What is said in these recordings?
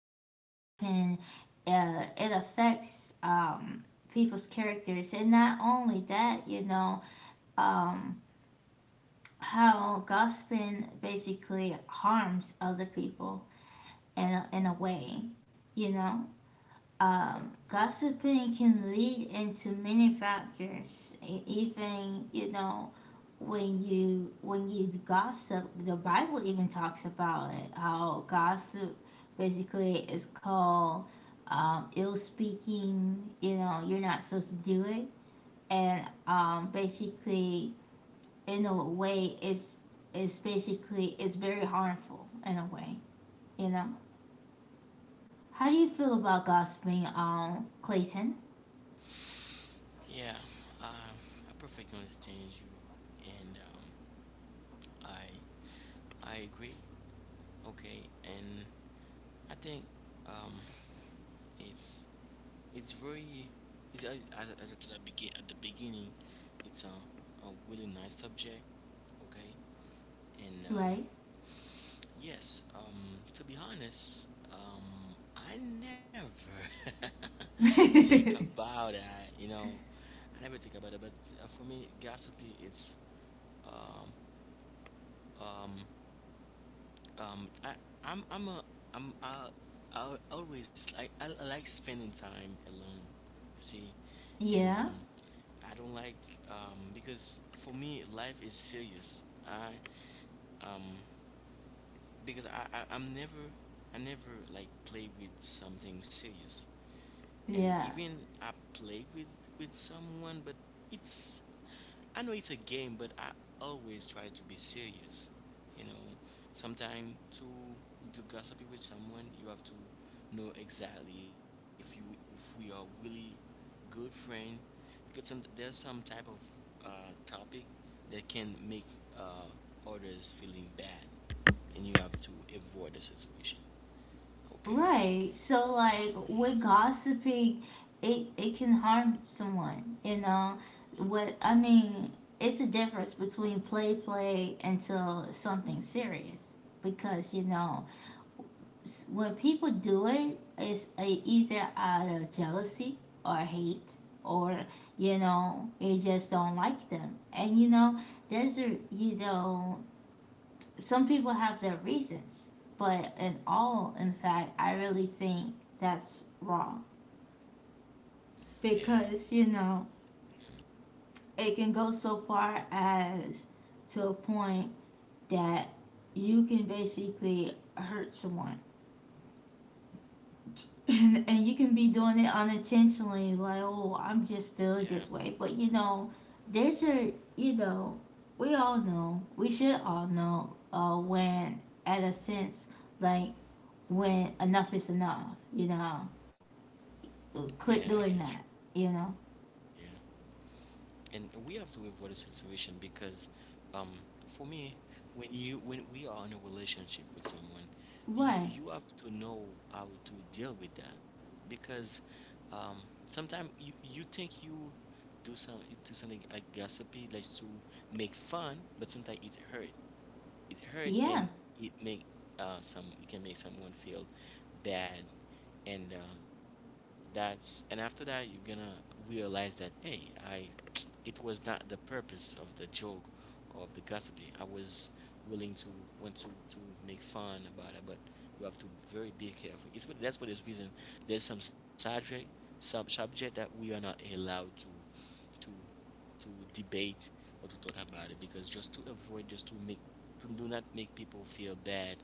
how gossiping it affects people's characters, and not only that, um, how gossiping basically harms other people in a way, you know. Gossiping can lead into many factors. Even when you gossip, the Bible even talks about it. How gossip basically is called ill speaking. You know you're not supposed to do it, and basically in a way it's basically it's very harmful in a way. You know, how do you feel about gossiping, Clayton? Yeah, uh, I perfectly understand you, and I I agree. Okay, and I think um, it's it's very it's as I told at the beginning, it's a really nice subject. Okay, and Right. yes, to be honest, I never think about that. You know, I never think about it. But for me, gossipy, it's um, um, um I I'm I'm a I'm I always like I like spending time alone you see and Yeah, I don't like because for me life is serious I um because I'm never I never like play with something serious and yeah, even I play with someone but it's I know it's a game, but I always try to be serious. You know, sometimes to gossipy with someone, you have to know exactly if we are really good friend, because there's some type of topic that can make uh, others feeling bad, and you have to avoid the situation. Okay. right. So like with gossiping, it can harm someone. You know what I mean? It's a difference between play, until something serious. Because when people do it, it's a, either out of jealousy or hate, or it just don't like them. And there's a some people have their reasons, but in fact, I really think that's wrong Yeah. because it can go so far as to a point that you can basically hurt someone. And you can be doing it unintentionally, like, oh, I'm just feeling Yeah. this way. But you know, there's a, you know, we all know, we should all know when, at a sense, like when enough is enough, you know, Yeah. I quit get doing you. that, you know? Yeah. And we have to avoid a situation because um for me when we are in a relationship with someone Right. you have to know how to deal with that because um sometimes you do some you do something like gossipy like to make fun, but sometimes it hurt, it hurt, and Yeah. it make some it can make someone feel bad. And that's, and after that you're gonna realize that, hey, I it was not the purpose of the joke or of the gossiping. I was willing to want to make fun about it, but you have to very be careful. It's what, that's for this reason there's some subject, some subject that we are not allowed to to debate or to talk about it, because just to avoid, just to make, do not make people feel bad.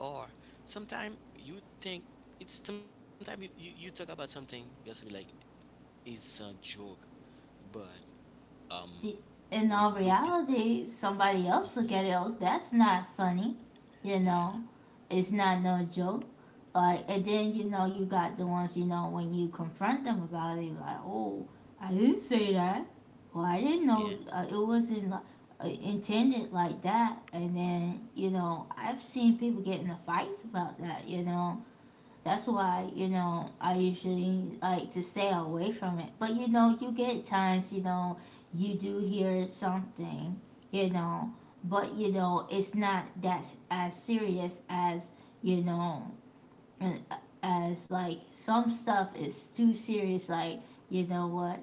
Or sometimes you think it's sometimes you talk about something just to be like it's a joke, but um In all with this person. reality, somebody else look at it. Oh, that's not funny, you know? yeah It's not no joke. Like, and then, you know, you got the ones, you know, when you confront them about it, like, oh, I didn't say that. Well, I didn't know yeah it wasn't intended like that. And then, you know, I've seen people get into fights about that, you know? That's why, you know, I usually like to stay away from it. But, you know, you get times, you know, you do hear something, you know, but, you know, it's not that as serious as, you know, uh, as like some stuff is too serious. Like, you know what?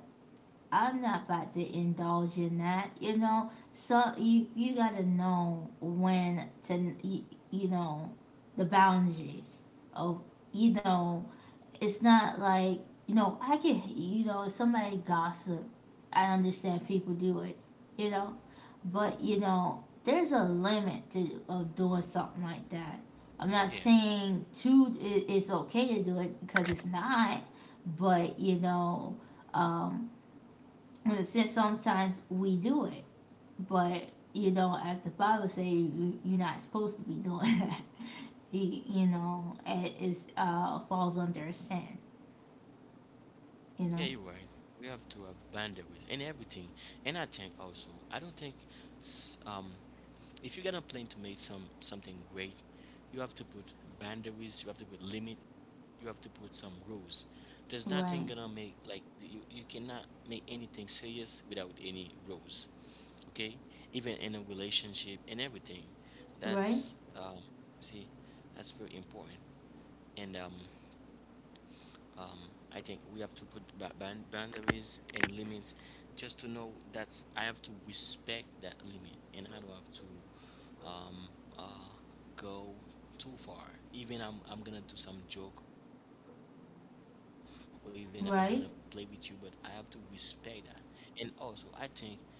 I'm not about to indulge in that, you know. So you gotta know when to, you know, the boundaries of you know it's not like you know I can you know if somebody gossip, I understand people do it, you know, but you know there's a limit to of doing something like that. I'm not yeah saying too it's okay to do it because it's not, but um, in sometimes we do it, but you know as the Bible say you're not supposed to be doing that. You know it is falls under sin, you yeah, know. you're right. We have to have boundaries and everything, and I think also, I don't think s- um if you're gonna plan to make some something great, you have to put boundaries, you have to put limit, you have to put some rules. There's nothing gonna Right, make like, you cannot make anything serious without any rules. Okay, even in a relationship and everything. That's right, you see, that's very important. And um I think we have to put boundaries and limits, just to know that I have to respect that limit, and I don't have to um, uh, go too far. Even I'm gonna do some joke, or even I'm gonna play with you, but I have to respect right, that. And also, I think I have to, we have to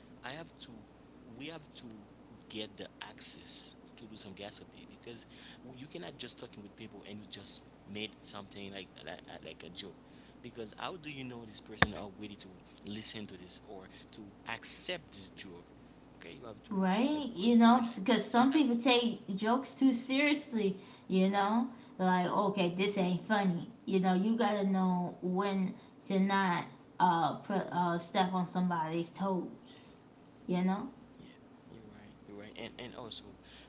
get the access to do some gossipy, because you cannot just talking with people and you just made something like like a joke, because how do you know this person are ready to listen to this or to accept this joke. Okay, you have to right. avoid that. You know, Sometimes. because some people take jokes too seriously, you know? Like, okay, this ain't funny. You know, you gotta know when to not put, step on somebody's toes, you know? Yeah, you're right. You're right. And also,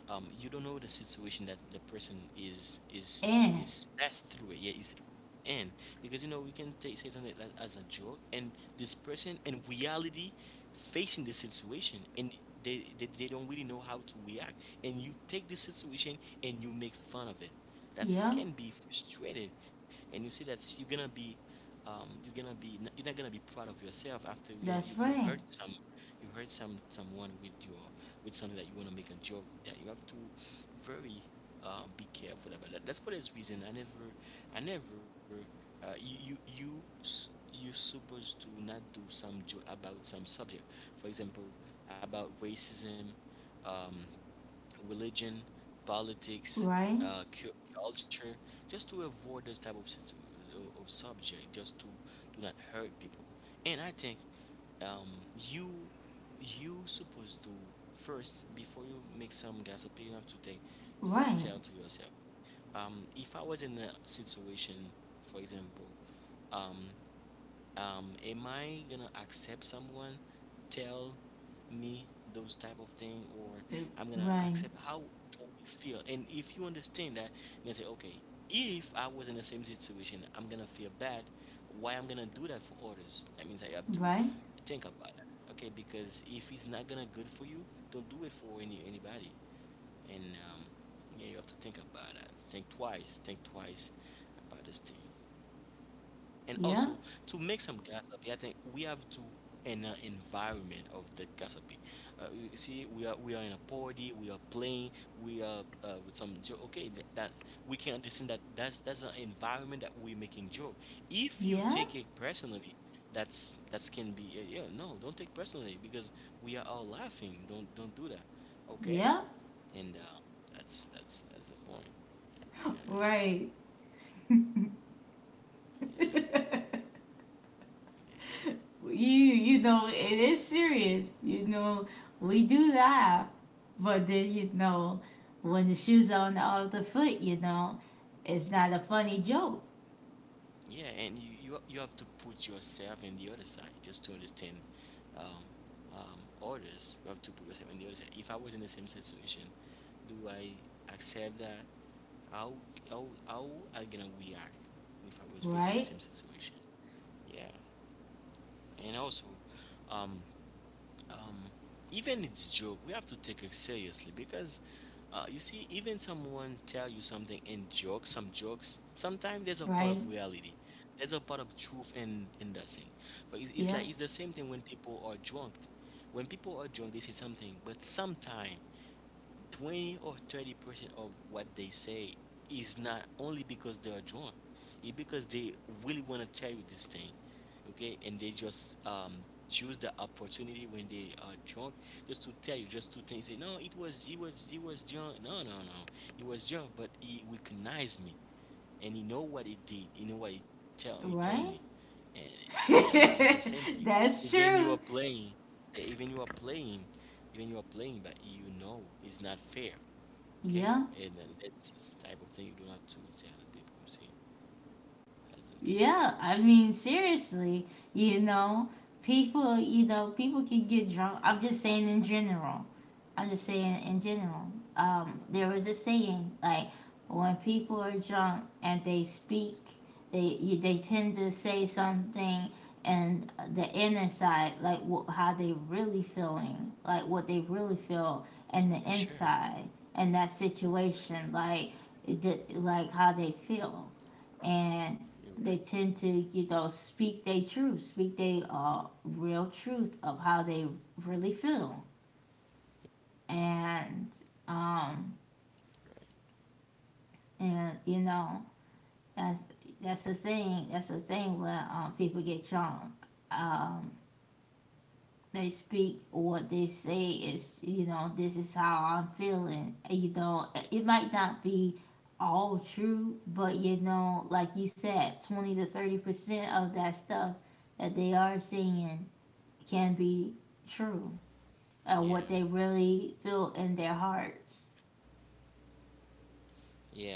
you don't know the situation that the person And, is passed through it. Yeah, is in, because you know we can take say something like as a joke, and this person in reality facing the situation and. They don't really know how to react, and you take this situation and you make fun of it. That yeah, can be frustrated. And you see that you're gonna be you're not gonna be proud of yourself after. You're gonna that's right, you hurt some someone with your with something that you want to make a joke, that you have to very be careful about that. That's for this reason I never, I never you you you supposed to not do some joke about some subject. For example, about racism, um, religion, politics, right, uh, cu- culture, just to avoid those type of, of subject, just to do not hurt people. And I think um, you you supposed to first, before you make some gossip, you have to take, say, right, tell to yourself. If I was in a situation, for example, um, am I gonna accept someone tell me those type of thing, or I'm gonna right, accept how can we feel. And if you understand that, you're say, okay, if I was in the same situation, I'm gonna feel bad, why I'm gonna do that for others. That means I have to right, think about it. Okay, because if it's not gonna good for you, don't do it for any anybody. And um yeah, you have to think about that. Think twice, think twice about this thing. And yeah, also, to make some gossip, I think we have to in an environment of the gossiping. You see, we are in a party, we are playing, we are with some joke. Okay, that, that we can understand that, that's an environment that we're making joke. If you yeah, take it personally, that's can be yeah, no, don't take personally, because we are all laughing. Don't do that. Okay, yeah, and that's that's the point. Uh, right. yeah. Yeah. You know it is serious, you know, we do laugh, but then, you know, when the shoes on the other foot, you know, it's not a funny joke. Yeah, and you have to put yourself in the other side just to understand um, others. You have to put yourself in the other side. If I was in the same situation, do I accept that? How how I gonna react if I was facing the Right, same situation? Yeah, and also, um, um, even it's joke, we have to take it seriously, because you see, even someone tell you something in joke, some jokes, sometimes there's a part right, of reality. There's a part of truth in that thing. But it's yeah, like it's the same thing when people are drunk. When people are drunk, they say something, but sometime 20 or 30% of what they say is not only because they are drunk, it's because they really want to tell you this thing. Okay, and they just choose the opportunity when they are drunk, just to tell you just two things. Say, no, it was, it was drunk. No, no, no, it was drunk, but he recognized me, and he know what he did. He know what he tell. He told me. right. And see, that means it's the same thing. That's Even you are true. playing, eh, even you are playing, even you are playing, but you know it's not fair. Okay, Yeah, and then that's the type of thing you don't have to tell the people. See, that's the thing. yeah, I mean, seriously, you know, people you know people can get drunk. I'm just saying in general. I'm just saying in general. There was a saying like when people are drunk and they speak, they they tend to say something and the inner side, like how they really feeling, like what they really feel, and the For sure. inside and that You're situation, like like how they feel, and right. You're they tend to you know speak their truth, speak their real truth of how they really feel and um and you know that's that's the thing, when people get drunk, um they speak what they say is you know this is how I'm feeling, you know, it might not be all true, but you know, like you said, 20 to 30% of that stuff that they are saying can be true, right. Yeah, what they really feel in their hearts. yeah.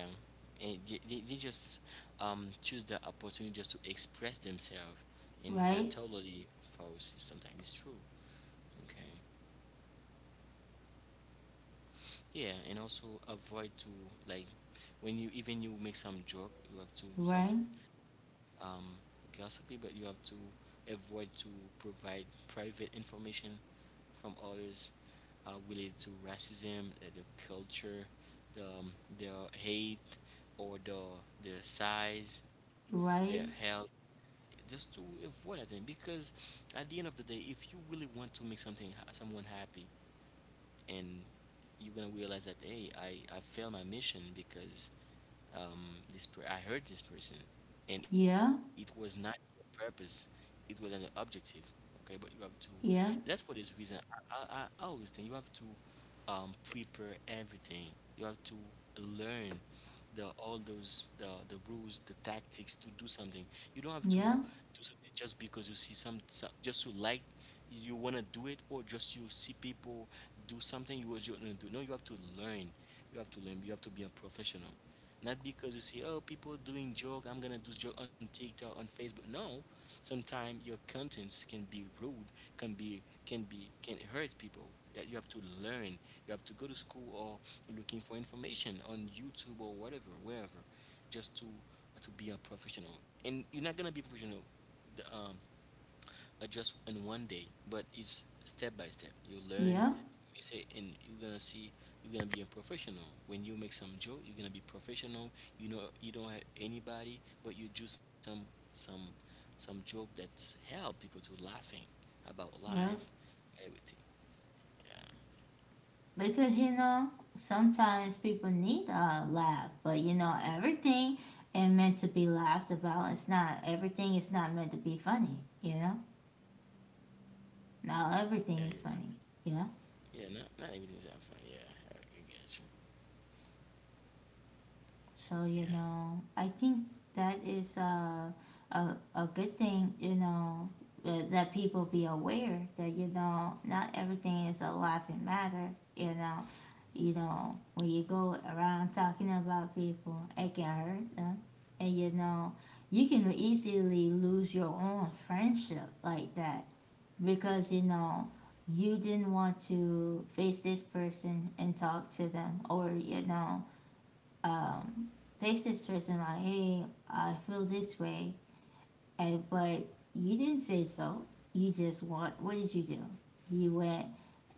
And they just choose the opportunity just to express themselves, and it's not Right, totally false. It's sometimes it's true. Okay. Yeah, and also avoid to like when you, even you make some joke, you have to some right, um gossipy, but you have to avoid to provide private information from others, related to racism, the culture, the um, the hate, or the size, their right. health, just to avoid that thing. Because at the end of the day, if you really want to make something someone happy, and you're gonna realize that hey, I failed my mission because I hurt this person, and it was Yeah, not your purpose. It was an objective. Okay, but you have to. That's for this yeah, reason. I always think you have to prepare everything. You have to learn the all those the rules, the tactics to do something. You don't have to yeah, do something just because you see some just, you like you want to do it, or just you see people do something you want to do. No, you have to learn. You have to learn. You have to be a professional. Not because you see, oh, people doing joke, I'm gonna do joke on TikTok, on Facebook. No, sometimes your contents can be rude, can hurt people. Yeah, you have to learn. You have to go to school or looking for information on YouTube or whatever, wherever, just to be a professional. And you're not gonna be professional the, um, adjust in 1 day, but it's step by step. You learn, yeah, you say, and you're gonna see, you're gonna be a professional. When you make some joke, you're gonna be professional. You know, you don't have anybody, but you do some some some joke that's help people to laughing about life, yeah. everything. Yeah, Because you know, sometimes people need a laugh, but you know, everything ain't meant to be laughed about. It's not everything is not meant to be funny, you know? Not yeah, you're everything is funny. Yeah. right. Yeah. Not everything's that fun. Yeah, I get you. So, Yeah, you know, I think that is a good thing, you know, that people be aware that, you know, not everything is a laughing matter, you know. You know, when you go around talking about people, it can hurt them. And, you know, you can easily lose your own friendship like that because, you know, you didn't want to face this person and talk to them or, you know, um, face this person like, hey, I feel this way, and but you didn't say so. You just want. What did you do? You went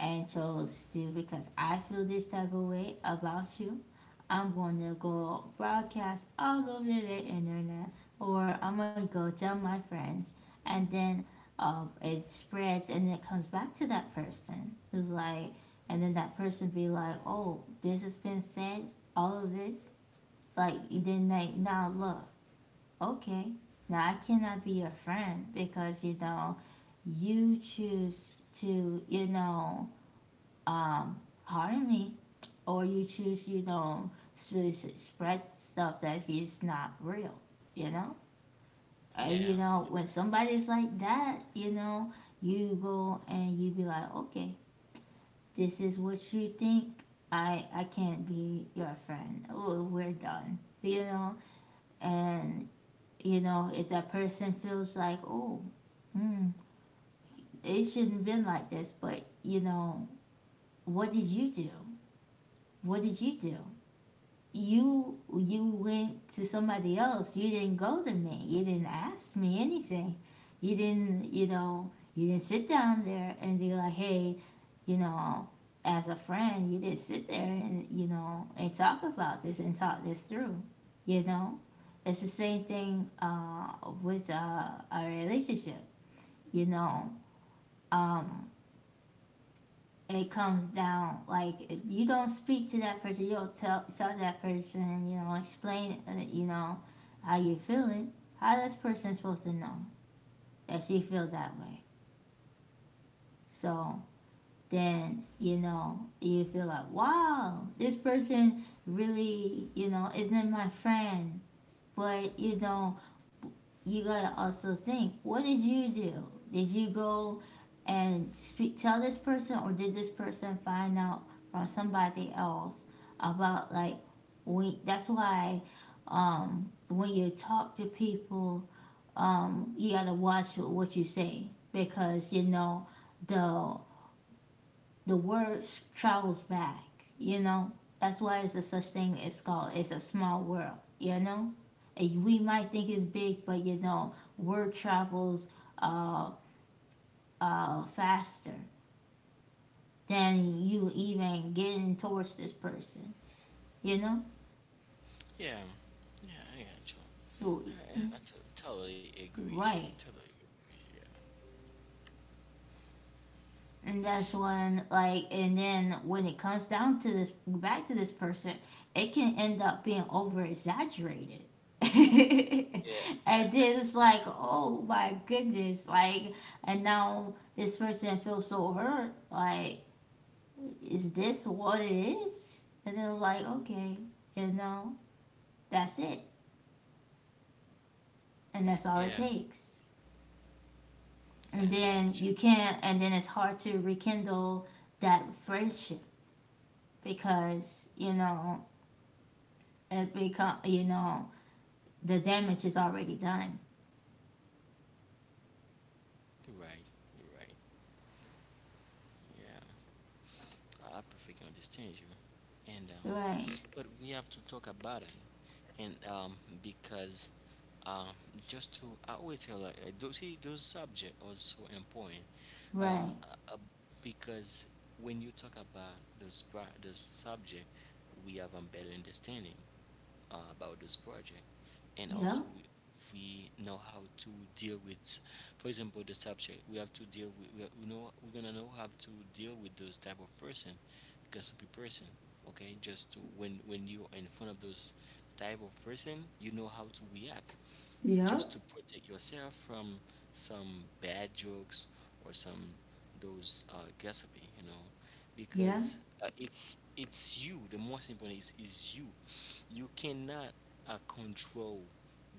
and chose to because I feel this type of way about you. I'm going to go broadcast all over the internet, or I'm going to go tell my friends, and then it spreads and it comes back to that person who's like, and then that person be like, oh, this has been said, all of this like then they now look, okay, now I cannot be your friend because you know you choose to you know harm me, or you choose you know to spread stuff that is not real, you know. yeah, And you know when somebody's like that, you know you go and you be like, okay, this is what you think. I can't be your friend. Oh, we're done. You know, and you know, if that person feels like, oh, mm, it shouldn't have been like this, but you know, what did you do? What did you do? You went to somebody else, you didn't go to me, you didn't ask me anything, you didn't you know you didn't sit down there and be like, hey, you know, as a friend you didn't sit there and you know and talk about this and talk this through, you know. It's the same thing with a relationship, you know, um, it comes down like if you don't speak to that person, you don't tell that person, you know, explain you know how you feeling, how this person is supposed to know that she feel that way. So then you know you feel like, wow, this person really you know isn't my friend, but you know you gotta also think, what did you do? Did you go and speak, tell this person, or did this person find out from somebody else about like we? That's why when you talk to people, you gotta watch what you say because you know the the word travels back. You know, that's why it's a such thing. It's called it's a small world. You know, and we might think it's big, but you know, word travels uh, faster than you even getting towards this person. You know, yeah, yeah. I got you. I, I, I yeah, t- totally agree with you. Totally right. agree with you. And Yeah, yeah. that's when like and then when it comes down to this back to this person, it can end up being over exaggerated. And Yeah. then it's like, oh my goodness, like and now this person feels so hurt, like, is this what it is? And then like, okay, you know, that's it. And that's all Yeah, it takes. yeah, And I get you. then you can't and then it's hard to rekindle that friendship because, you know, it become you know the damage is already done. You're right. You're right. Yeah, I perfectly understand you. And Right, But we have to talk about it, and because uh, just to I always tell like those see those subject also important, uh, right, uh, uh, because when you talk about those subject, we have a better understanding. Uh, about this project, and also we know how to deal with, for example, the subject we have to deal with, we know we're gonna know how to deal with those type of person, gossipy person. Okay, just to when you're in front of those type of person, you know how to react, just to protect yourself from some bad jokes or some those gossiping, you know, yeah, because it's you. The most important is you. You cannot control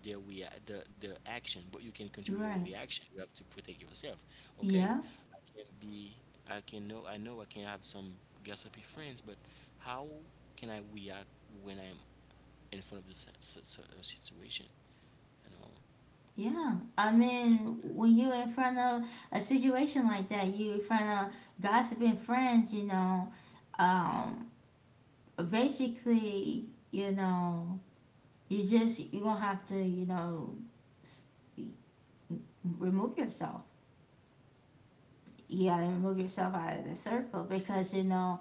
the action, but you can control your right. reaction. You have to protect yourself. Okay, Yeah, I can be. I can know. I know. I can have some gossipy friends, but how can I react when I'm in front of this situation? You know. yeah, I mean, when you in front of a situation like that, you in front of gossiping friends, you know, um basically, you know, you just you're gonna have to you know s- remove yourself, you gotta remove yourself out of the circle because you know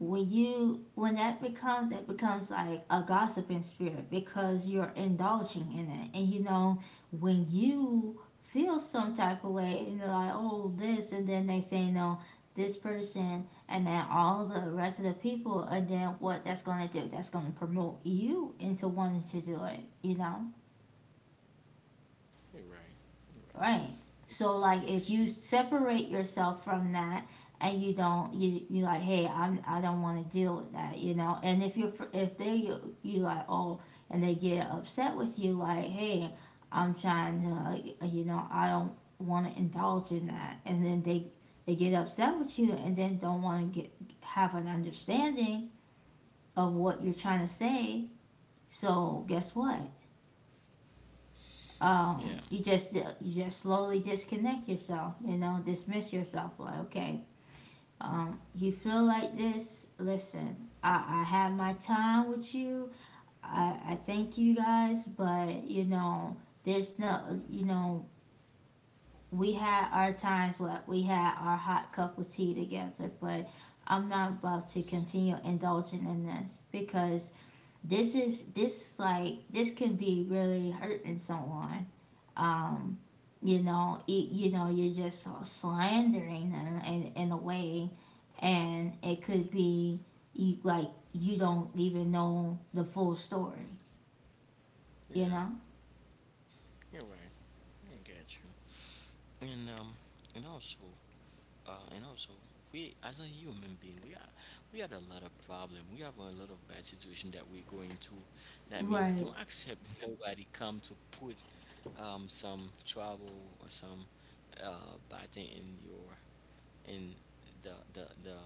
when you when that becomes like a gossiping spirit because you're indulging in it, and you know when you feel some type of way and they're like, oh, this, and then they say, no, this person, and then all the rest of the people, and then what that's going to do, that's going to promote you into wanting to do it, you know. You're right. You're right. Right. So like Because if you it's you. separate yourself from that and you don't you you like, "Hey, I don't want to deal with that," you know. And if they you like, "Oh," and they get upset with you like, "Hey, I'm trying to you know, I don't want to indulge in that." And then they get upset with you and then don't want to get, have an understanding of what you're trying to say. So guess what? Yeah. You just, you just slowly disconnect yourself, you know, dismiss yourself, like, "Okay, you feel like this. Listen, I had my time with you. I thank you guys, but you know, there's no, you know, we had our times. What, we had our hot cup of tea together, but I'm not about to continue indulging in this because this is this, like this could be really hurting someone. um you know you know, you're just slandering them in a way, and it could be, you, like you don't even know the full story, you Yeah. know." You're right. I get you. And um, and also, and also, we as a human being, we are we had a lot of problem. We have a lot of bad situation that we're going to. That means Right. don't accept nobody come to put some trouble or some bad thing in your in the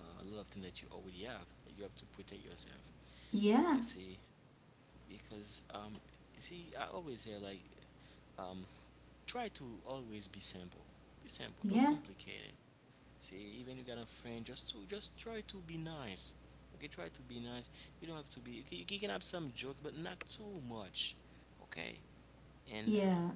lot of thing that you already have. You have to protect yourself. Yeah, You see, because you see, I always say like um try to always be simple. Be simple, don't yeah, complicate it. See, even you got a friend, just to just try to be nice. Okay, try to be nice. You don't have to be. You can have some jokes, but not too much. Okay, and uh, yeah.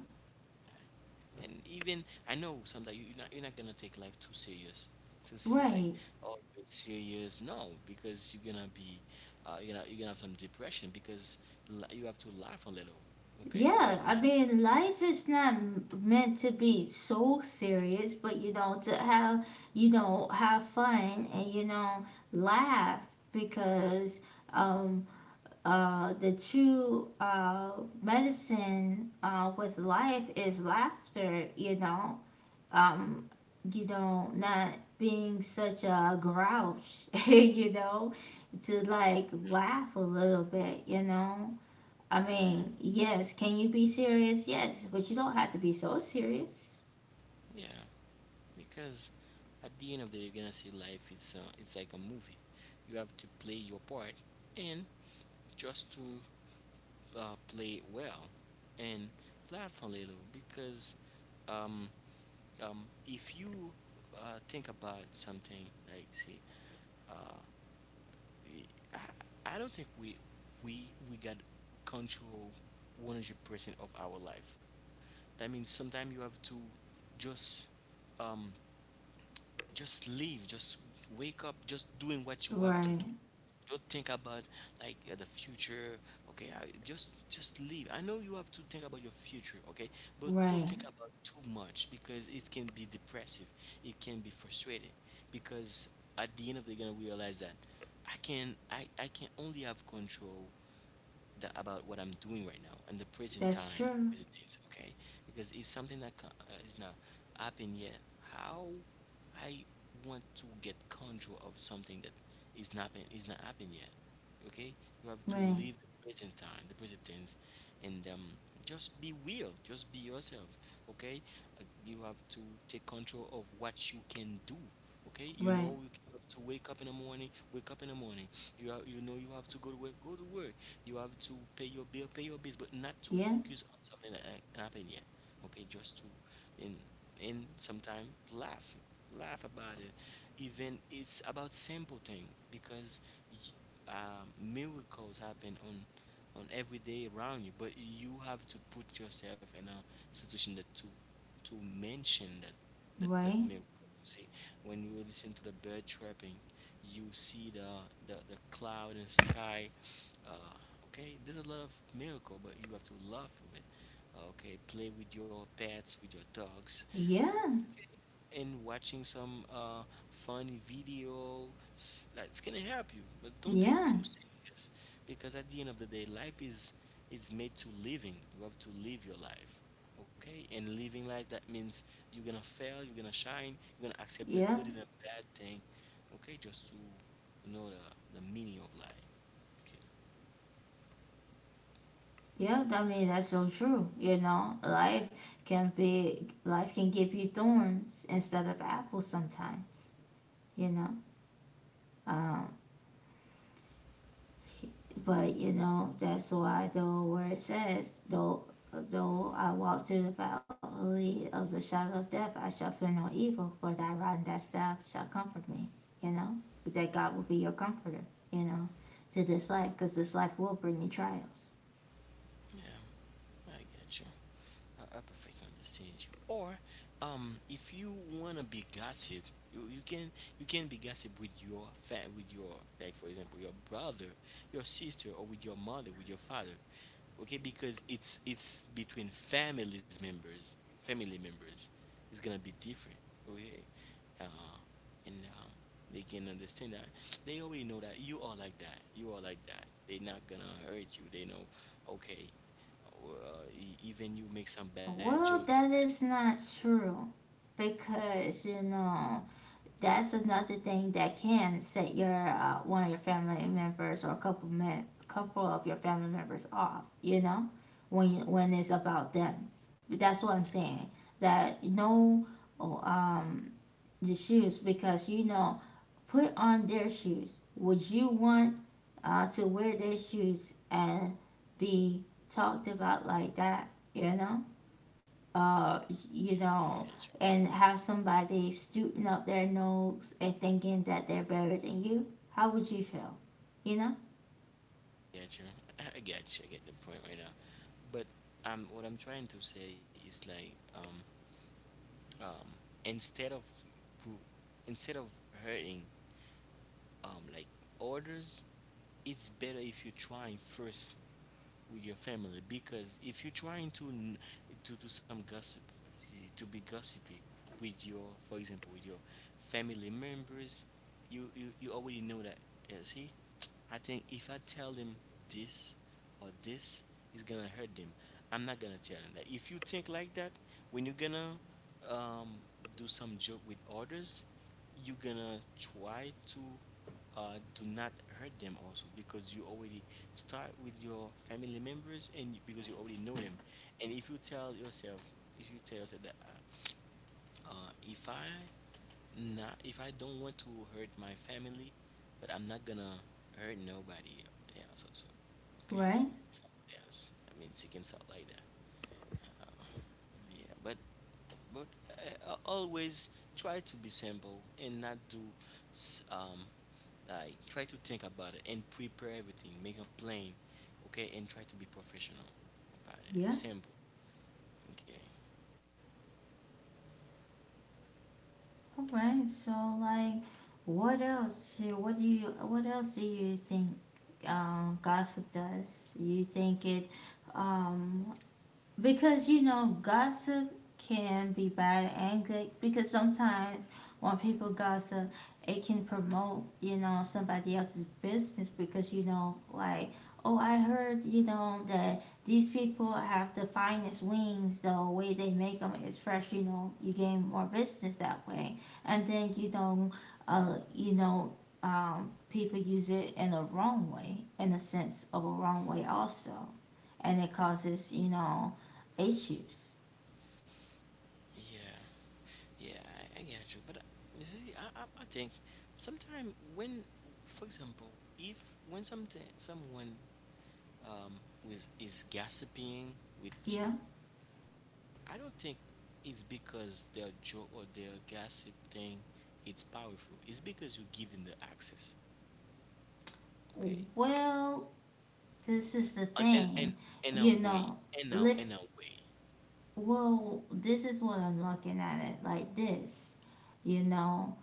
and even I know sometimes you're not, you're not gonna take life too serious, too serious. Like Right. oh, it's serious, no, because you're gonna be, you're gonna have some depression because you have to laugh a little, okay? Yeah, But I not, mean, life is not meant to be so serious, but you know, to have, you know, have fun and, you know, laugh because, um, the true medicine with life is laughter, you know. um, you know, not being such a grouch, you know, to like laugh a little bit, you know. I mean, yes, can you be serious? Yes, but you don't have to be so serious. yeah, because at the end of the day, you're gonna see life. It's like a movie. You have to play your part and just to play well and laugh a little because. um, if you think about something like see. uh, I don't think we we got control 100% of our life. That means sometimes you have to just um, just live, just wake up, just doing what you have to Right, do. Don't think about like the future. Okay, just leave. I know you have to think about your future, okay, but don't right. think about too much because it can be depressive. It can be frustrating because at the end of the day, you're gonna realize that I can only have control that about what I'm doing right now and the present That's time, true. present tense, okay? Because if something that is not happened yet. How I want to get control of something that is not been, is not happened yet, okay? You have to Right, live the present time, the present tense, and just be real, just be yourself, okay? You have to take control of what you can do, okay? You right. know you have to wake up in the morning, wake up in the morning. You have, you know you have to go to work, go to work. You have to pay your bill, pay your bills, but not to Yeah, focus on something that happened yet. Okay, just to and and sometimes laugh, laugh about it. Even it's about simple thing because y- miracles happen on every day around you, but you have to put yourself in a situation that to mention that that right. miracle. You see, when you listen to the bird chirping, you see the cloud and sky uh, okay, there's a lot of miracle, but you have to love of it. Okay, play with your pets, with your dogs, Yeah, and watching some funny video that's gonna help you, but don't take yeah, too serious, because at the end of the day, life is made to living. You have to live your life, okay, and living life that means you're gonna fail, you're gonna shine, you're gonna accept the yeah, good and the bad thing, okay, just to know the meaning of life, okay. yeah. I mean, that's so true. You know, life can be, life can give you thorns instead of apples sometimes. You know, um, but you know that's why, though, where it says, though, "Though I walk through the valley of the shadow of death, I shall fear no evil, for thy rod and thy staff shall comfort me." You know, that God will be your comforter, you know, to this life, because this life will bring you trials. Yeah, I get you. I perfectly understand you. Or, if you wanna be gossip, you, you can you can be gossip with your with your, like for example, your brother, your sister, or with your mother, with your father, okay? Because it's between families members, family members, it's gonna be different, okay? Uh, and um, they can understand that they already know that you are like that, you are like that. They're not gonna hurt you. They know, okay, even you make some bad jokes. But Well, that is not true, because you know, that's another thing that can set your one of your family members or a couple men, couple of your family members off. You know, when you, when it's about them. That's what I'm saying. That, no, oh, the shoes, because you know, put on their shoes. Would you want to wear their shoes and be talked about like that? You know, uh you I get know, you, and have somebody scooting up their nose and thinking that they're better than you, how would you feel, you know? I get you, I get you. I get the point right now. But what I'm trying to say is like um, instead of pro- instead of hurting like orders, it's better if you try first with your family, because if you're trying to to do some gossip, to be gossipy with your, for example, with your family members, you already know that. Yeah, see, I think if I tell them this or this is gonna hurt them, I'm not gonna tell them that. If you think like that, when you're gonna um, do some joke with others, you're gonna try to do not hurt them also, because you already. Start with your family members, and because you already know them. And if you tell yourself, if you tell yourself that if I not, if I don't want to hurt my family, but I'm not gonna hurt nobody else also. Okay, Right. someone else. I mean, seeking out like that. Um, yeah, but always try to be simple and not do s- um, like try to think about it and prepare everything. Make a plan, okay, and try to be professional about it. Yeah. Simple, okay. All right, so like, what else, what do you, what else do you think gossip does? You think it, um because you know gossip can be bad and good, because sometimes when people gossip, it can promote, you know, somebody else's business, because you know, like, "Oh, I heard, you know, that these people have the finest wings, the way they make them is fresh," you know, you gain more business that way. And then, you know, you know, people use it in a wrong way, in a sense of a wrong way also, and it causes, you know, issues. Yeah, yeah, I get you. But you see, I think sometimes when, for example, if when something someone um was is gossiping with you, Yeah. I don't think it's because their joke or their gossip thing it's powerful. It's because you give them the access, okay? Well, this is the in in in, thing. in a You way, know, in listen. a way. Well, this is what I'm looking at it like this. You know,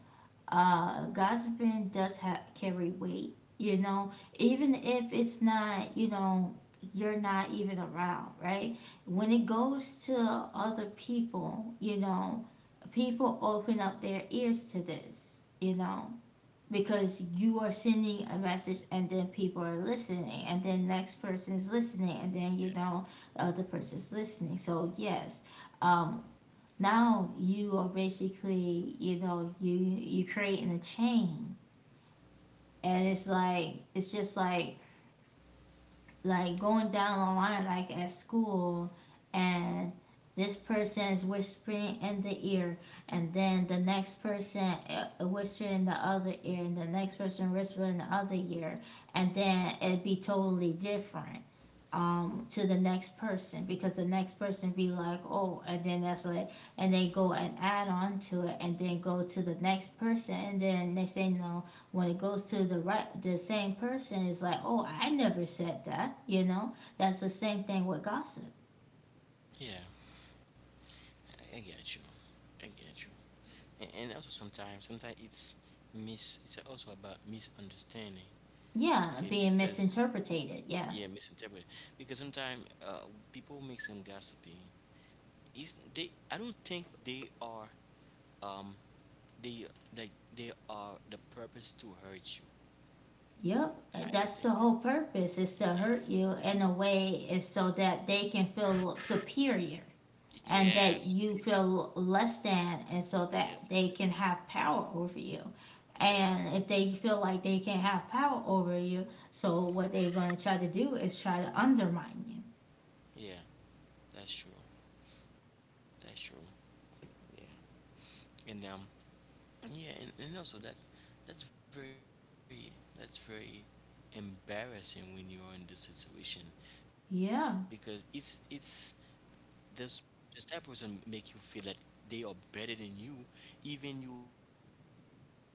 gossiping does carry weight. You know, even if it's not, you know, you're not even around, right? When it goes to other people, you know, people open up their ears to this. You know, because you are sending a message, and then people are listening, and then next person is listening, and then you know, the other person's listening. So yes, um, now you are basically, you know, you creating a chain, and it's like, it's just like going down the line, like at school, and this person is whispering in the ear, and then the next person whispering in the other ear, and the next person whispering in the other ear, and then it'd be totally different to the next person, because the next person be like, "Oh," and then that's like, and they go and add on to it and then go to the next person, and then they say, "No." When it goes to the right, the same person is like, "Oh, I never said that." You know, that's the same thing with gossip. Yeah, I get you. I get you. And also sometimes, sometimes it's mis. It's also about misunderstanding. Yeah, Okay, being because misinterpreted, yeah. yeah, misinterpret. Because sometimes people make some gossiping. Is they? I don't think they are. Um, they like they are the purpose to hurt you. Yep, I don't that's the think. whole That. purpose, is to hurt Yes. you in a way, is so that they can feel superior, and that Yes, you baby. feel less than, and so Yes. that they can have power over you. Yeah. And if they feel like they can have power over you, so what they're going to try to do is try to undermine Yeah. That's true. That's true. Yeah. And Yeah, and also that that's very that's very embarrassing when you're in this situation, because it's you. Yeah. does does that person make you feel that they are better than you, even you made a lot of sacrifice to be who you are right now or to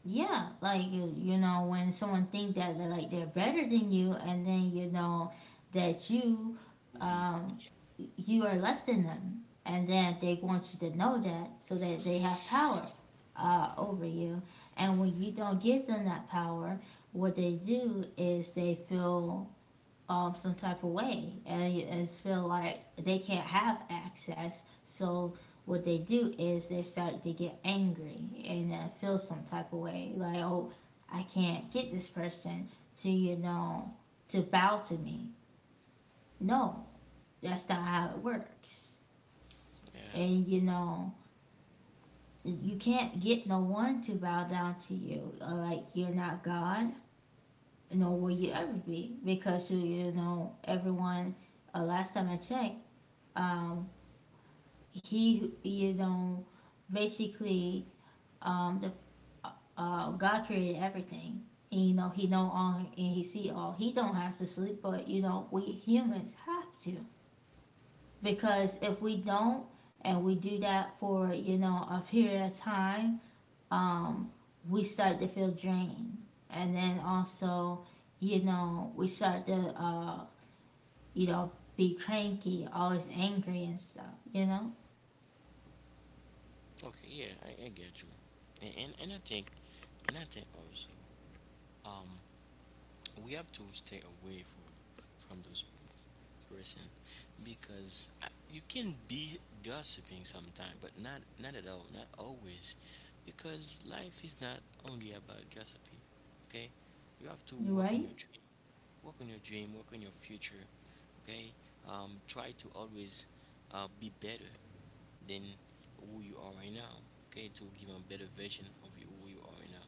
be at Yeah, the place that like, you you are you know, that you when feel someone think "Hey, that they're like they're better than you, and then you yeah know that you um you are less than them, and then they want you to know that, so that they have power over you. And when you don't give them that power, what they do is they feel some type of way, and it's feel like they can't have access. So what they do is they start to get angry, and feel some type of way, like, "Oh, I can't get this person to, you know, to bow to me." No, that's not how it works. yeah And you know, you can't get no one to bow down to you. Like, you're not God, nor will you ever be, because you know, everyone, last time I checked, um, he, you know, basically, the God created everything, and you know, he know all and he see all, he don't have to sleep, but you know, we humans have to, because if we don't, and we do that for, you know, a period of time, um we start to feel drained. And then also, you know, we start to, you know, be cranky, always angry and stuff, you know. okay yeah I get you and, and and I think and I think also um we have to stay away from those person, because I, you can be gossiping sometime but not not at all, not always, because life is not only about gossiping, okay. You have to work on Right. your dream, work on your dream, work on your future, okay, try to always be better than who you are right now, okay, to give a better version of you, who you are right now,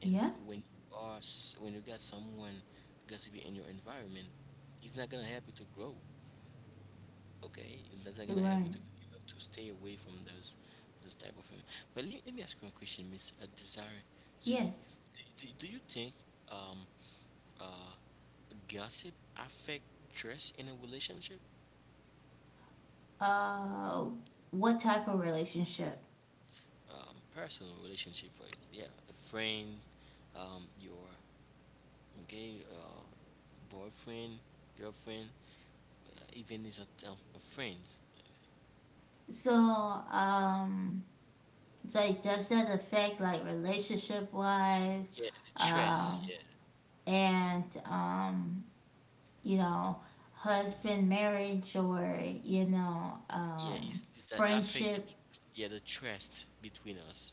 and Yeah. when you are when you got someone gossiping in your environment, it's not gonna help you to grow. Okay, that's not gonna help Right. you to you have to stay away from those type of women. But let me ask you a question, Miss Desire Zuri. Yes. Do you think um uh gossip affect trust in a relationship? Uh, what type of relationship? Personal relationship for, yeah, a friend, your okay, boyfriend, girlfriend, even is a friends. So, it's like, does that affect like relationship wise? Yeah, and the trust. Um, Yeah, and, you know, it's, husband, marriage, or, you know, yeah, is is that affect the, friendship? yeah, the trust between us?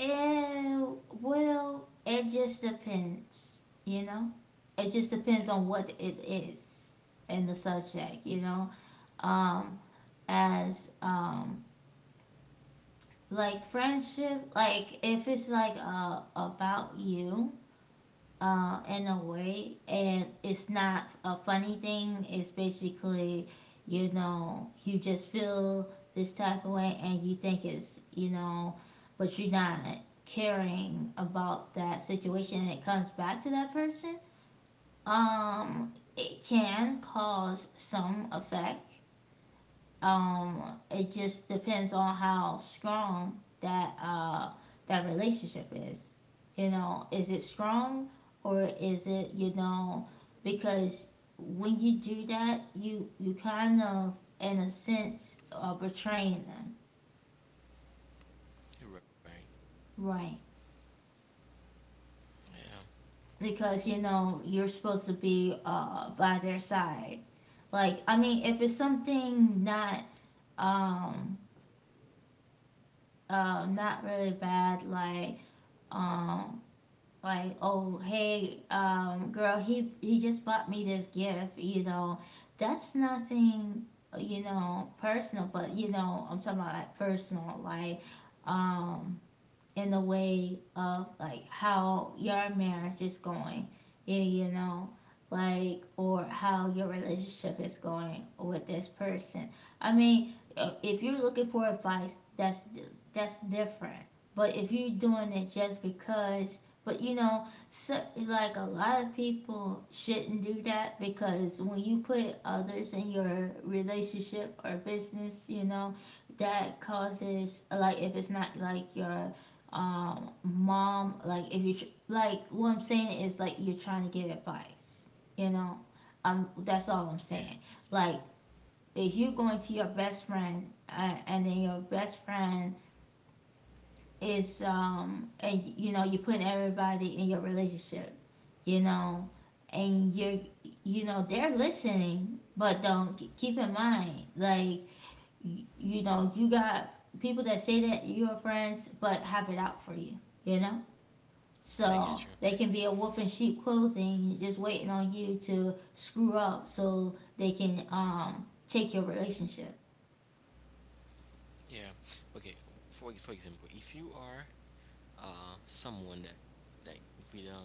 And, well, it just depends, you know? It just depends on what it is and the subject, you know? Um, as, like friendship, like if it's like about you in a way, and it's not a funny thing, it's basically, you know, you just feel this type of way and you think it's, you know, but you're not caring about that situation, and it comes back to that person, it can cause some effect. um, it just depends on how strong that that relationship is. You know, is it strong, or is it, you know, because when you do that, you kind of, in a sense, are betraying them, You're right. right? Yeah. Because you know you're supposed to be by their side. Like, I mean, if it's something not um not really bad, like, um like, "Oh, hey, girl, he just bought me this gift," you know, that's nothing, you know, personal. But you know, I'm talking about like personal, like um in the way of like how your marriage is going, yeah, you know, like, or how your relationship is going with this person. I mean, if you're looking for advice, that's different. But if you're doing it just because, but you know, so, like a lot of people shouldn't do that, because when you put others in your relationship or business, you know, that causes, like if it's not like your mom, like if you like what I'm saying is like you're trying to get advice, you know, that's all I'm Yeah. saying. Like, if you're going to your best friend, and then your best friend is, and you know, you're putting everybody in your relationship, you know, and you're, you know, they're listening. But don't keep in mind like, you know, you got people that say that you're friends but have it out for you, you know, I get so you. they can be a wolf in sheep clothing, just waiting on you to screw up so they can, take your relationship. Yeah. Okay. For example, if you are someone that, like, with a,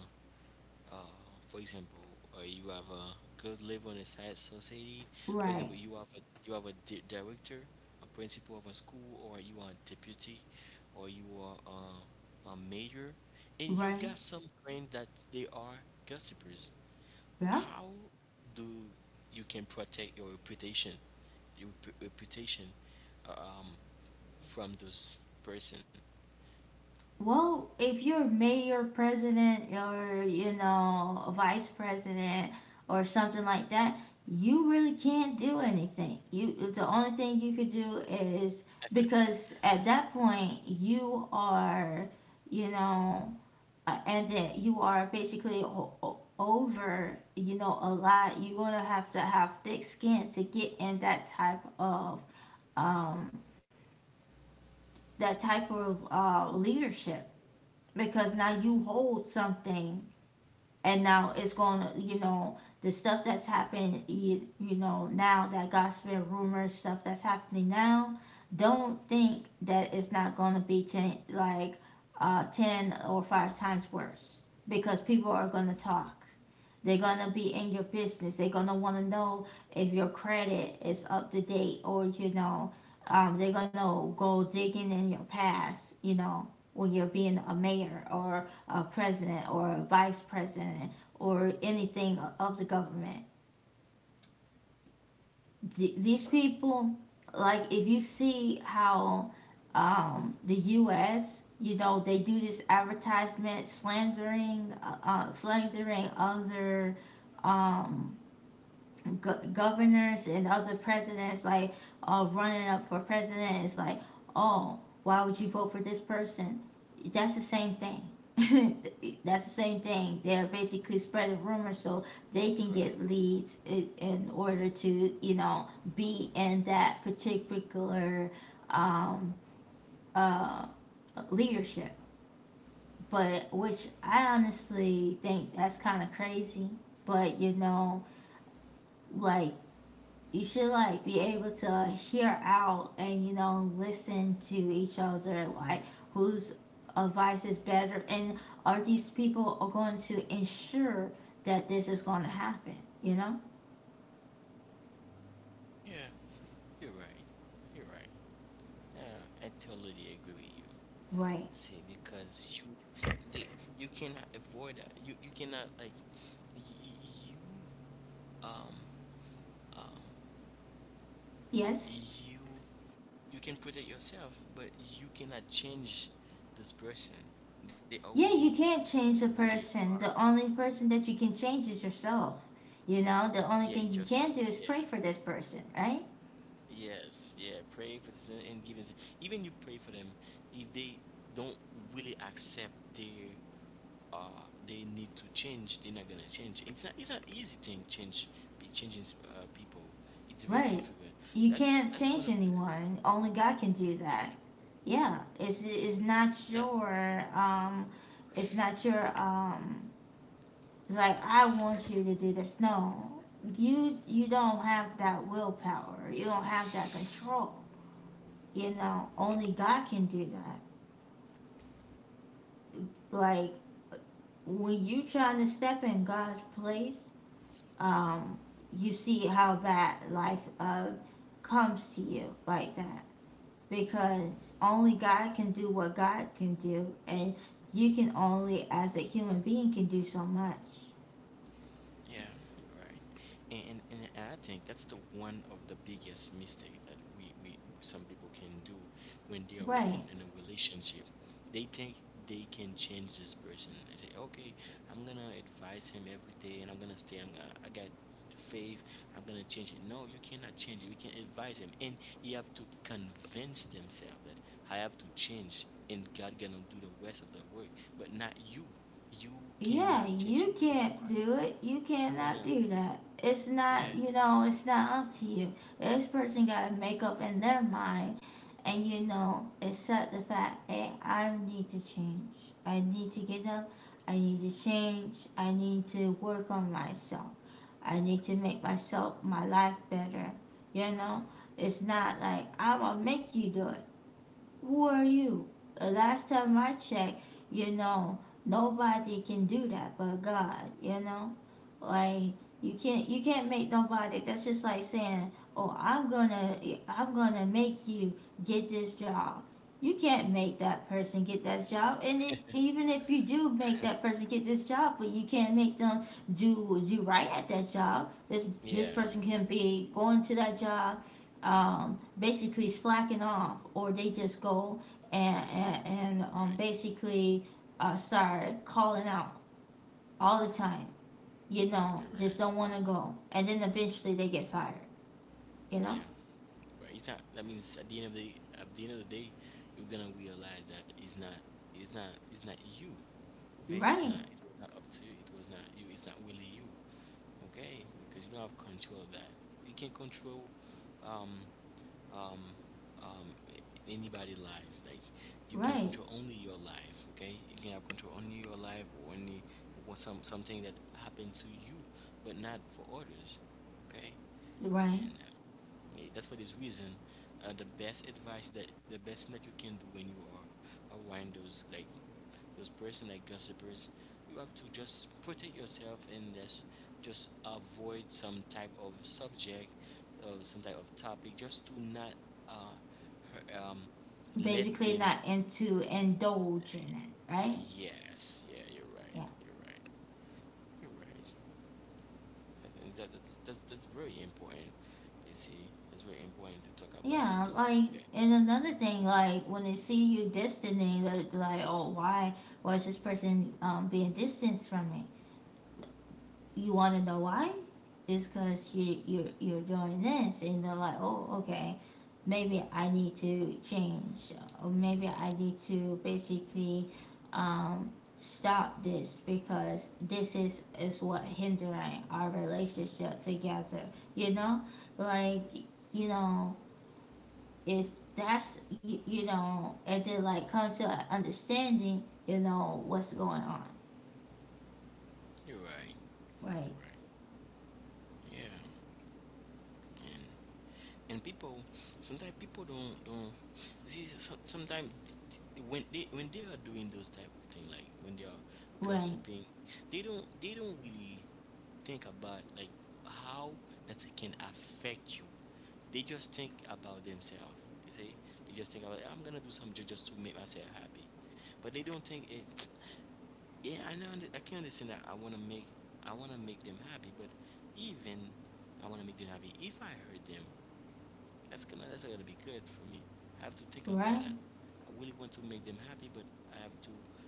uh for example, you have a good level in a society. For Right. example, you have a director, a principal of a school, or you are a deputy, or you are a mayor, and you Right. got some friends that they are gossipers. Yeah. How do you can protect your reputation, your p- reputation, um, from those person? Well, if you're mayor, president, or you know, a vice president, or something like that, you really can't do anything. You, the only thing you could do is, because at that point you are, you know, and that you are basically over, you know, a lot. You're going to have thick skin to get in um that type of leadership, because now you hold something, and now it's going to, you know, the stuff that's happened, you know, now that gossip and rumor stuff that's happening now, don't think that it's not going to be 10, like 10 or 5 times worse, because people are going to talk. They're gonna be in your business. They're gonna wanna know if your credit is up to date, or they're gonna go digging in your past. When you're being a mayor or a president or a vice president or anything of the government. These people, like, if you see how, the U.S. You know, they do this advertisement slandering, slandering other, um, governors and other presidents, like running up for president. It's like, oh, why would you vote for this person? That's the same thing. That's the same thing. They're basically spreading Right. rumors so they can get leads in order to, you know, be in that particular, um, uh, leadership. But which I honestly think that's kind of crazy. But you know, like, you should, like, be able to hear out and, you know, listen to each other, like, whose advice is better, and are these people are going to ensure that this is going to happen, you know? Yeah, you're right. You're right. Yeah, I totally agree with you. Right. See, because they, you cannot avoid that. You cannot, like, y- y- you, um, um, Yes. you, you can protect yourself, but you cannot change this person. They Yeah, already you can't who change a they are. person. The only person that you can change is yourself. You know, the only Yeah, it's thing you yourself. can do is Yeah. pray for this person, right? Yes, yeah, pray for this and giving. Even you pray for them, if they don't really accept their they need to change, they're not gonna change. It's not, it's an easy thing change be changing, people. It's very Right. difficult. You That's can't that's one change of the, anyone, only God can do yeah. that. Yeah, it's not That. your it's not your it's like, I want you to do this. No, you don't have that willpower, you don't have that control. You know, only God can do that. Like, when you trying to step in God's place, um you see how bad life comes to you like that. Because only God can do what God can do, and you can only, as a human being, can do so much. Yeah, you're right. And I think that's the one of the biggest mistake that we some people can do when they are Right. in a relationship. They think they can change this person. I say, okay, I'm gonna advise him every day, and I'm gonna stay. I got faith. I'm gonna change it. No, you cannot change it. We can advise him, and he have to convince themselves that I have to change, and God gonna do the rest of the work, but not you. You Yeah, cannot change you can't anyone. do it. You If you cannot wanna, do that. It's yeah, not, you know, it's not up to you. This person got to make up in their mind and, you know, accept the fact, hey, I need to change. I need to get up. I need to change. I need to work on myself. I need to make myself, my life better. You know, it's not like I'm going to make you do it. Who are you? The last time I checked, you know, nobody can do that but God, you know? Like, you can't make nobody. That's just like saying, oh, I'm gonna make you get this job. You can't make that person get that job. And if, even if you do make that person get this job, but you can't make them do right at that job. This yeah, person can be going to that job, basically slacking off, or they just go and right. basically start calling out all the time. You know, You're just right. don't want to go, and then eventually they get fired. You know, Yeah, right. It's not. That means at the end of the day, you're gonna realize that it's not. It's not. It's not you. Okay. It's not. right, It was not up to you. It was not you. It's not really you. Okay. Because you don't have control of that. You can control, um, um, um, a- anybody life. Like you can right, control only your life. Okay. You can have control only your life, or only, or something that happened to you, but not for others. Okay. right. And, yeah, that's for this reason, the best thing that you can do when you are around those, like, those person, like, gossipers. You have to just protect yourself, and just avoid some type of subject or some type of topic, just to not, uh, hu- um, let Basically, them. not into indulge in it, right? Yes, yeah, you're right, Yeah, you're right, you're right. That's very important, you see. It's very important to talk about yeah. this Like, subject. and another thing, like, when they see you distancing, they're like, oh, why was this person, being distanced from me? You want to know why? It's because you're doing this, and they're like, oh, okay, maybe I need to change, or maybe Yeah. I need to basically, um, stop this because this is what hindering our relationship together. You know, like, you know, if that's you, you know, and then like come to an understanding, you know what's going on, You're right. You're right, right. Yeah. And and people, sometimes people don't see sometimes when they are doing those type of thing, like, when they are right, gossiping, they don't really think about, like, how that it can affect you. They just think about themselves. You see, they just think about, I'm gonna do something just to make myself happy, but they don't think it. Yeah, I know. I can understand that. I want to make them happy. But even I want to make them happy, if I hurt them, that's not gonna be good for me. I have to think about right. that. I really want to make them happy, but I have to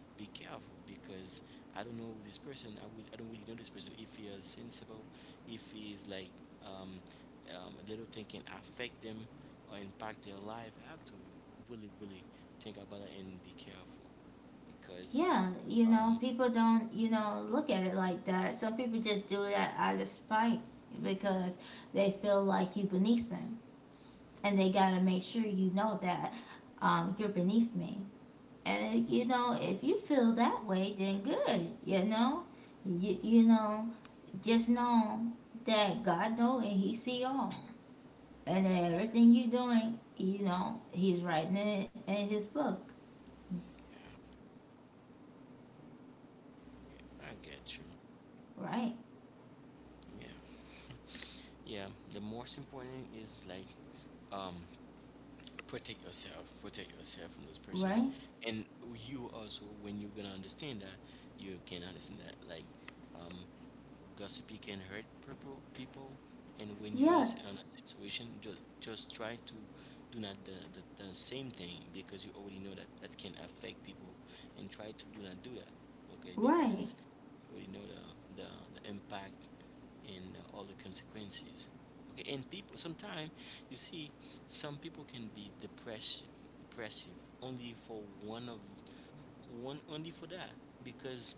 be careful because I don't know this person. I don't really know this person. If he is sensible, if he is like, um, a little thing can affect them or impact their life, I have to really, really think about it and be careful, because, Yeah, you know, um, people don't, you know, look at it like that. Some people just do that out of spite because they feel like you beneath them, and they gotta make sure you know that, you're beneath me. And you know, if you feel that way, then good. You know, you know, just know that God know and He see all, and that yeah. everything you doing, you know, He's writing it in His book. I get you. Right, Yeah. Yeah. The most important is, like, um protect yourself from this person. right. And, you also, when you're gonna understand that, you can understand that, like, um gossipy can hurt people. And when you're in a, Yeah, in a situation, just try to do not the, the same thing, because you already know that that can affect people, and try to do not do that, okay, right. because. Well, you know the the impact and, all the consequences, okay. And people sometimes, you see, some people can be depressive only for one of one only for that, because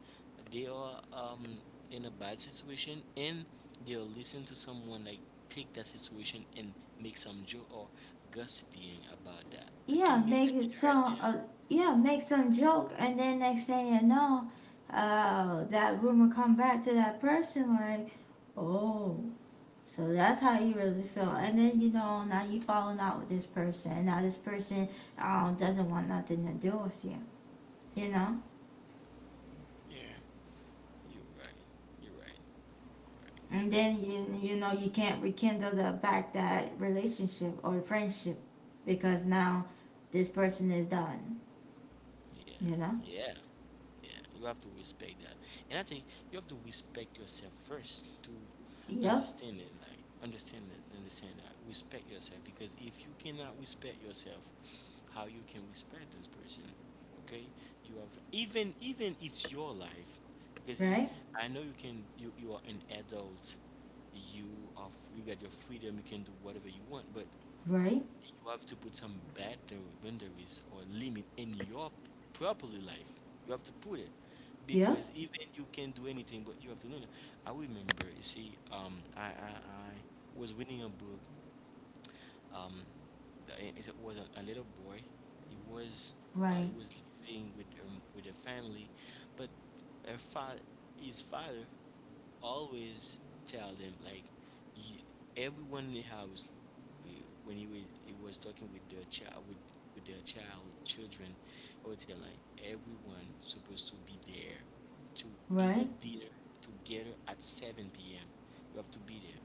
they are, in a bad situation, and they'll listen to someone, like, take that situation and make some joke or gossiping about that, that yeah can make, that make it can hurt some them. uh, yeah, make some joke, and then next thing you know, that rumor come back to that person, like, oh, so that's how you really feel. And then you know, now you falling out with this person, and now this person, doesn't want nothing to do with you, you know. Yeah, you're right, you're right, you're right. And then you know, you can't rekindle the back that relationship or friendship, because now this person is done, Yeah, you know. yeah. Yeah, you have to respect that. And I think you have to respect yourself first to Yep. understand it, like understand it, understand that. Respect yourself because if you cannot respect yourself, how you can respect this person? Okay? You have, even it's your life, because it, Right. I know you are an adult. You are you got your freedom, you can do whatever you want, but Right. you have to put some boundaries or limit in your properly life. You have to put it Yep. because even you can do anything, but you have to know that. I remember, you see, I was reading a book. Um, it was a little boy. He was Right. he was living with, with a family, but her fa- his father always tell them, like, you, everyone in the house, eh, when he was talking with their child, children, I would tell like, everyone supposed to be there to eat the Right, dinner together at 7 p.m. You have to be there,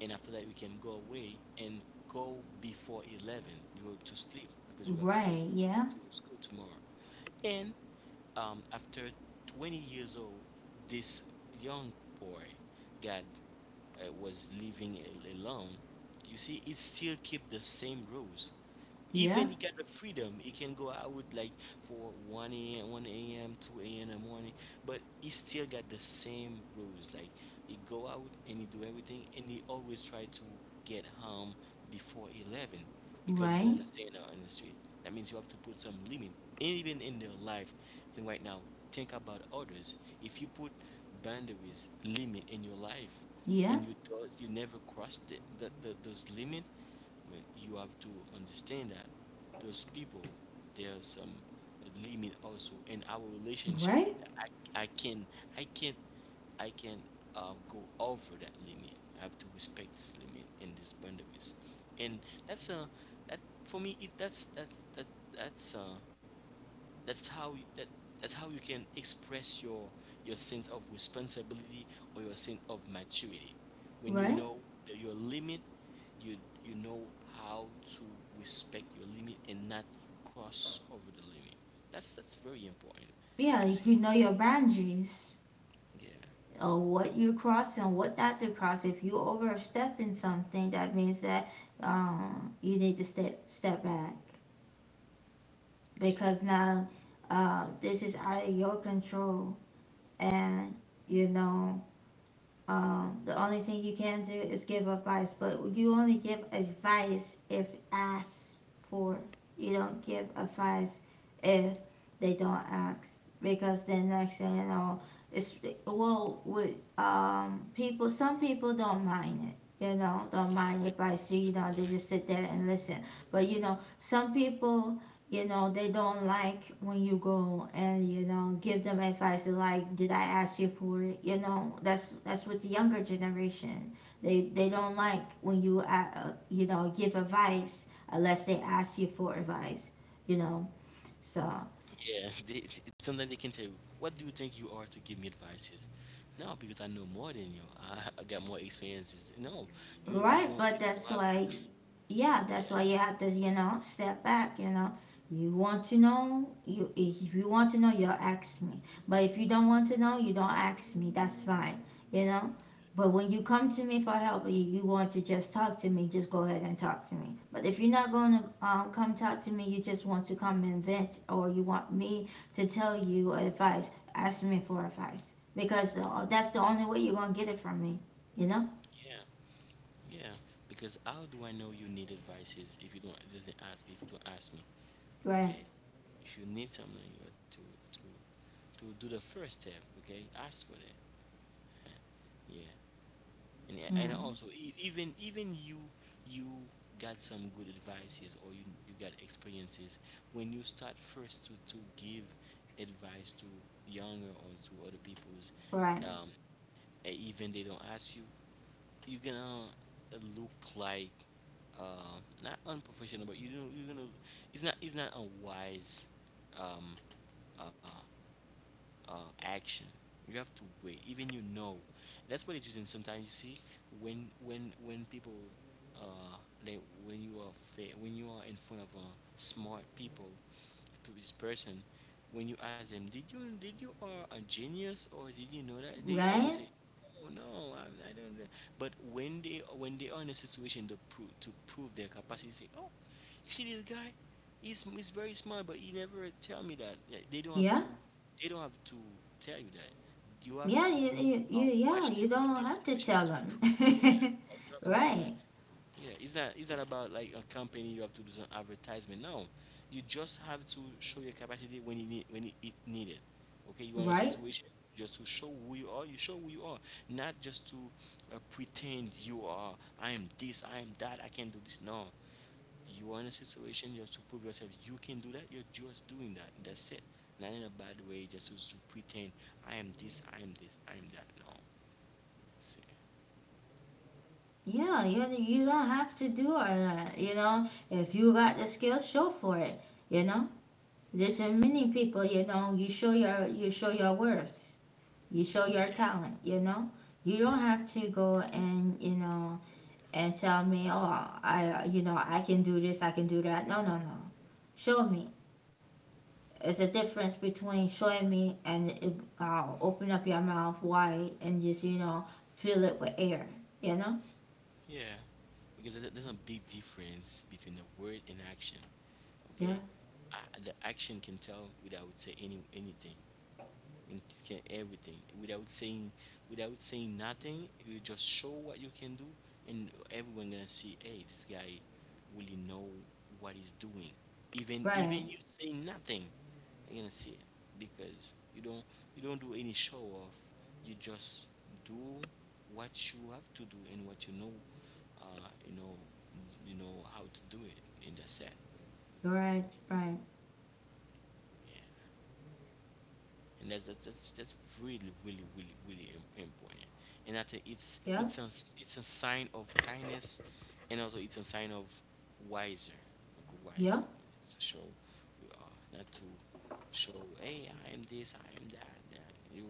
and after that you can go away, and go before 11, you go to sleep because you have to go right, yeah, to school tomorrow. And, after 20 years old, this young boy got, was living alone. You see, it still keep the same rules, yeah, even he got the freedom, he can go out like for 1 a.m, 1 a.m, 2 a.m in the morning, but he still got the same rules, like, he go out and he do everything, and he always try to get home before 11 because he don't right, want to stay in the street. That means you have to put some limit, and even in their life, and right now, think about others. If you put boundaries limit in your life, yeah, and you thought you never crossed it, that those limit, but you have to understand that those people, there are some limit also in our relationship. right? I, I can I can't I can't go over that limit. I have to respect this limit and these boundaries, and that's a that for me it that's that that's uh that's how that's how you can express your, sense of responsibility or your sense of maturity. When you Right. know your limit, you you know how to respect your limit and not cross over the limit. That's very important. Yeah, you See. could know your boundaries, Yeah, what you cross and what not to cross. If you overstepping something, that means that, you need to step back, yeah, because now, this is out of your control, and you know. The only thing you can do is give advice, but you only give advice if asked for. You don't give advice if they don't ask, because then next thing you know, it's well with people. Some people don't mind it, you know, don't yeah. mind They, advice. So, you they don't know, they mind. just sit there and listen. But you know, some people, you know, they don't like when you go and, you know, give them advice, like, did I ask you for it? You know, that's with the younger generation. They don't like when you you know, give advice unless they ask you for advice. You know, so. Yeah, sometimes they can tell you, "What do you think you are to give me advices? No, because I know more than you. I got more experiences." No, you don't. You Right. don't. But You that's don't why, yeah, that's have. why you have to, you know, step back. You know, you, if you want to know, you will ask me. But if you don't want to know, you don't ask me. That's fine. You know, but when you come to me for help, you want to just talk to me. Just go ahead and talk to me. But if you're not going to, come talk to me, you just want to come and vent, or you want me to tell you advice. Ask me for advice, because that's the only way you're gonna get it from me. You know? Yeah, yeah. Because how do I know you need advices if you don't, it doesn't ask if you don't ask me? Right? Okay, if you need something, you have to do the first step. Okay, ask for that. Yeah, and Yeah. also even you got some good advices, or you got experiences, when you start first to give advice to younger or to other people's, Right, um even they don't ask you, you're gonna look like, not unprofessional, but you don't, you're gonna, it's not a wise, um uh uh action. You have to wait. Even you know, that's what it's using. Sometimes you see when people, uh like when you are when you are in front of, smart people, to this person, when you ask them, did you are a genius, or did you know that, they always right? say, oh, no, I don't know. But when they are in a situation to prove their capacity, say, oh, you see this guy, he's very smart, but he never tell me that. Yeah, they don't have Yeah, to. They don't have to tell you that. You have yeah, to yeah, watch you them when they don't are in a have to situation tell just to prove. Yeah, them. you don't have to tell them. Right, Yeah, it's not about like a company you have to do some advertisement. No, you just have to show your capacity when you need, when it needed. Okay, you are in a right? situation just to show who you are. You show who you are, not just to pretend you are. I am this. I am that. I can do this. No, you are in a situation just to prove yourself. You can do that. You're just doing that. That's it. Not in a bad way. Just to pretend. I am this. I am this. I am that. No. That's it. Yeah, you don't have to do all that, you know? If you got the skills, show for it, you know? There's so many people, you know, you show your worth, you show your Yeah. talent, you know? You don't have to go and, you know, and tell me, oh, you know, I can do this, I can do that. No, no, no. Show me. It's a difference between showing me and it, open up your mouth wide and just, you know, fill it with air. You know? Yeah, because there's a big difference between the word and action. Yeah. Okay, I, the action can tell without say anything, it can everything without saying nothing. You just show what you can do, and everyone gonna see. Hey, this guy really know what he's doing. Even Right. even you say nothing, you're gonna see it because you don't, you don't do any show off. You just do what you have to do and what you know, uh, you know, you know how to do it, in the set. Right. Okay. Right. Yeah. And that's really important, and I think it's Yeah. it's a sign of kindness, and also it's a sign of wiser, like Yeah. wise, to show. We are not to show, hey, I am this, I am that, that. You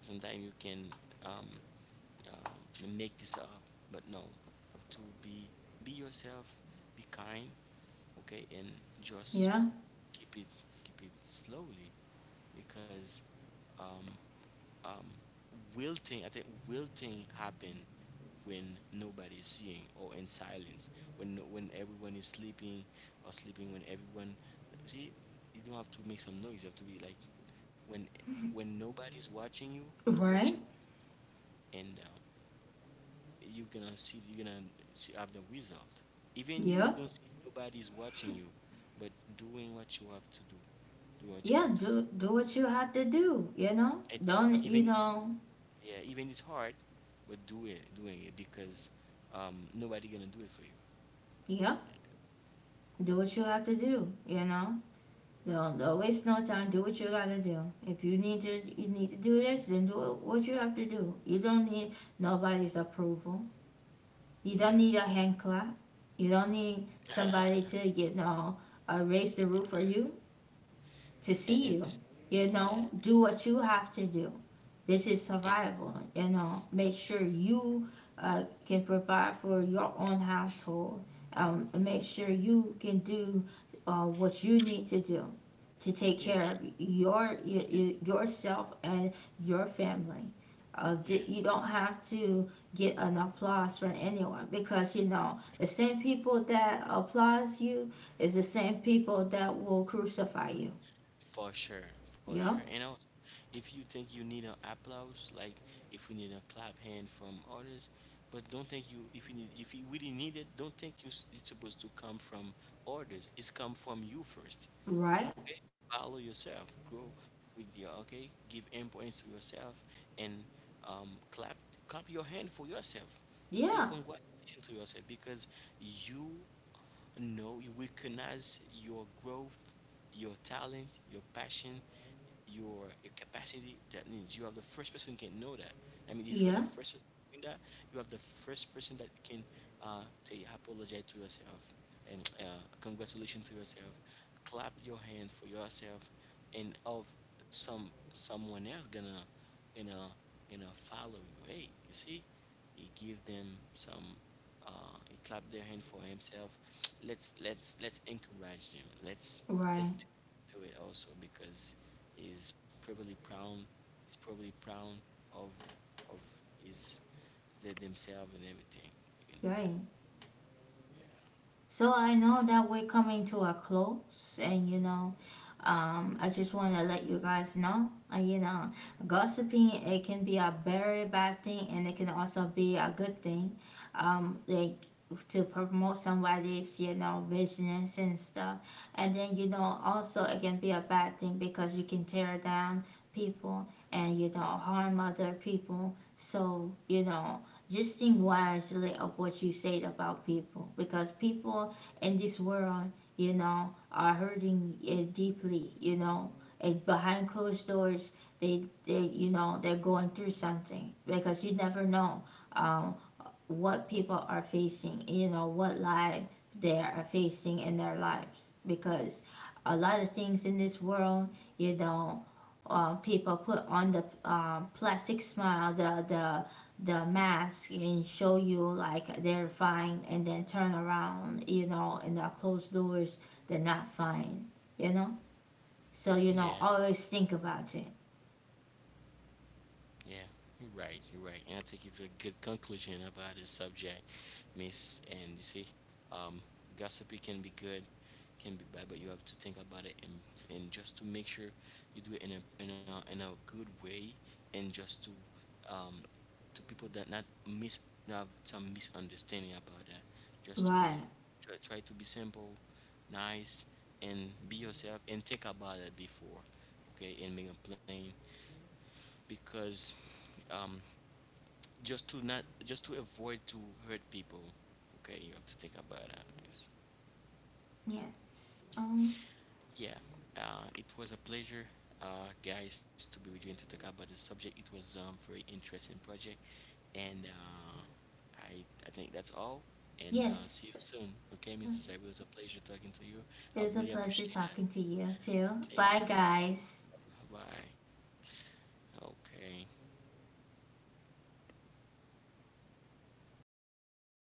sometimes you can um, make this up, but no, have to be yourself, be kind, okay, and just Yeah. keep it, keep it slowly. Because um um wilting, I think wilting happen when nobody's seeing or in silence, when when everyone is sleeping, or sleeping when everyone see. You don't have to make some noise, you have to be like, when when nobody's watching you, do what you Right. want. And you're gonna see, you're gonna see, have the result, even you Yeah. don't see nobody's watching you, but doing what you have to do. Do what you Yeah. have to do. Do what you have to do. You know? And Don't even you it's, know? yeah, even it's hard, but do it, doing it, because nobody gonna do it for you. Yeah. Do what you have to do. You know? Don't waste no time. Do what you gotta do. If you need to do this, then do what you have to do. You don't need nobody's approval. You Yeah, don't need a hand clap. You don't need somebody to, you know, raise the roof for you to see and you. it's, You yeah, know, do what you have to do. This is and survival, you know. Make sure you can provide for your own household. Make sure you can do what you need to do to take yeah, care of your yourself and your family. Uh, yeah. you don't have to get an applause from anyone, because you know the same people that applause you is the same people that will crucify you. For sure, for sure. Yeah, And also, if you think you need an applause, like if we need a clap hand from others, but don't think you, if you need, if you really need it, don't think you it's supposed to come from others. It's come from you first. right. Okay, follow yourself, grow with your, okay, give importance to yourself, and clap, clap your hand for yourself. Say Yeah, congratulations to yourself because you, no, you recognize your growth, your talent, your passion, your capacity. That means you are the first person who can know that. I mean, if you're the yeah, first person doing that, you have the first person that can say apologize to yourself and congratulations to yourself, clap your hand for yourself, and of someone else gonna gonna gonna follow you. Hey, you see, you give them some, he clapped their hand for himself. Let's encourage them. Let's right, do, do it also because he's probably proud. He's probably proud of of his, the, themselves and everything. You can do that. right. So I know that we're coming to a close, and you know, I just want to let you guys know, you know, gossiping, it can be a very bad thing, and it can also be a good thing, like, to promote somebody's, you know, business and stuff, and then you know also it can be a bad thing, because you can tear down people and, you know, harm other people. So you know, just think wisely of what you say about people, because people in this world, you know, are hurting, deeply, you know, and behind closed doors, they, you know, they're going through something, because you never know, um, what people are facing, you know, what lie they are facing in their lives. Because a lot of things in this world, you know, people put on the, plastic smile, the mask, and show you like they're fine, and then turn around, you know, and the closed doors, they're not fine, you know. So you Yeah, know, always think about it. yeah. You're right. You're right. And I think it's a good conclusion about this subject. Miss, and you see, um gossipy can be good, can be bad, but you have to think about it, and just to make sure you do it in a in a good way, and just um to people that not miss, have some misunderstanding about that, just to be, Right. Try to be simple, nice, and be yourself, and think about it before, okay, and make a plan because um just to not, just to avoid to hurt people. Okay, you have to think about that. Yes. Yes. Yeah. It was a pleasure, guys, to be with you and to talk about the subject. It was very interesting project, and I think that's all, and Yes. see you soon. Okay, Mr. Zabi, it was a pleasure talking to you. It I was a really pleasure appreciate that. talking to you too. Thank Bye, you. guys. Bye bye. Okay.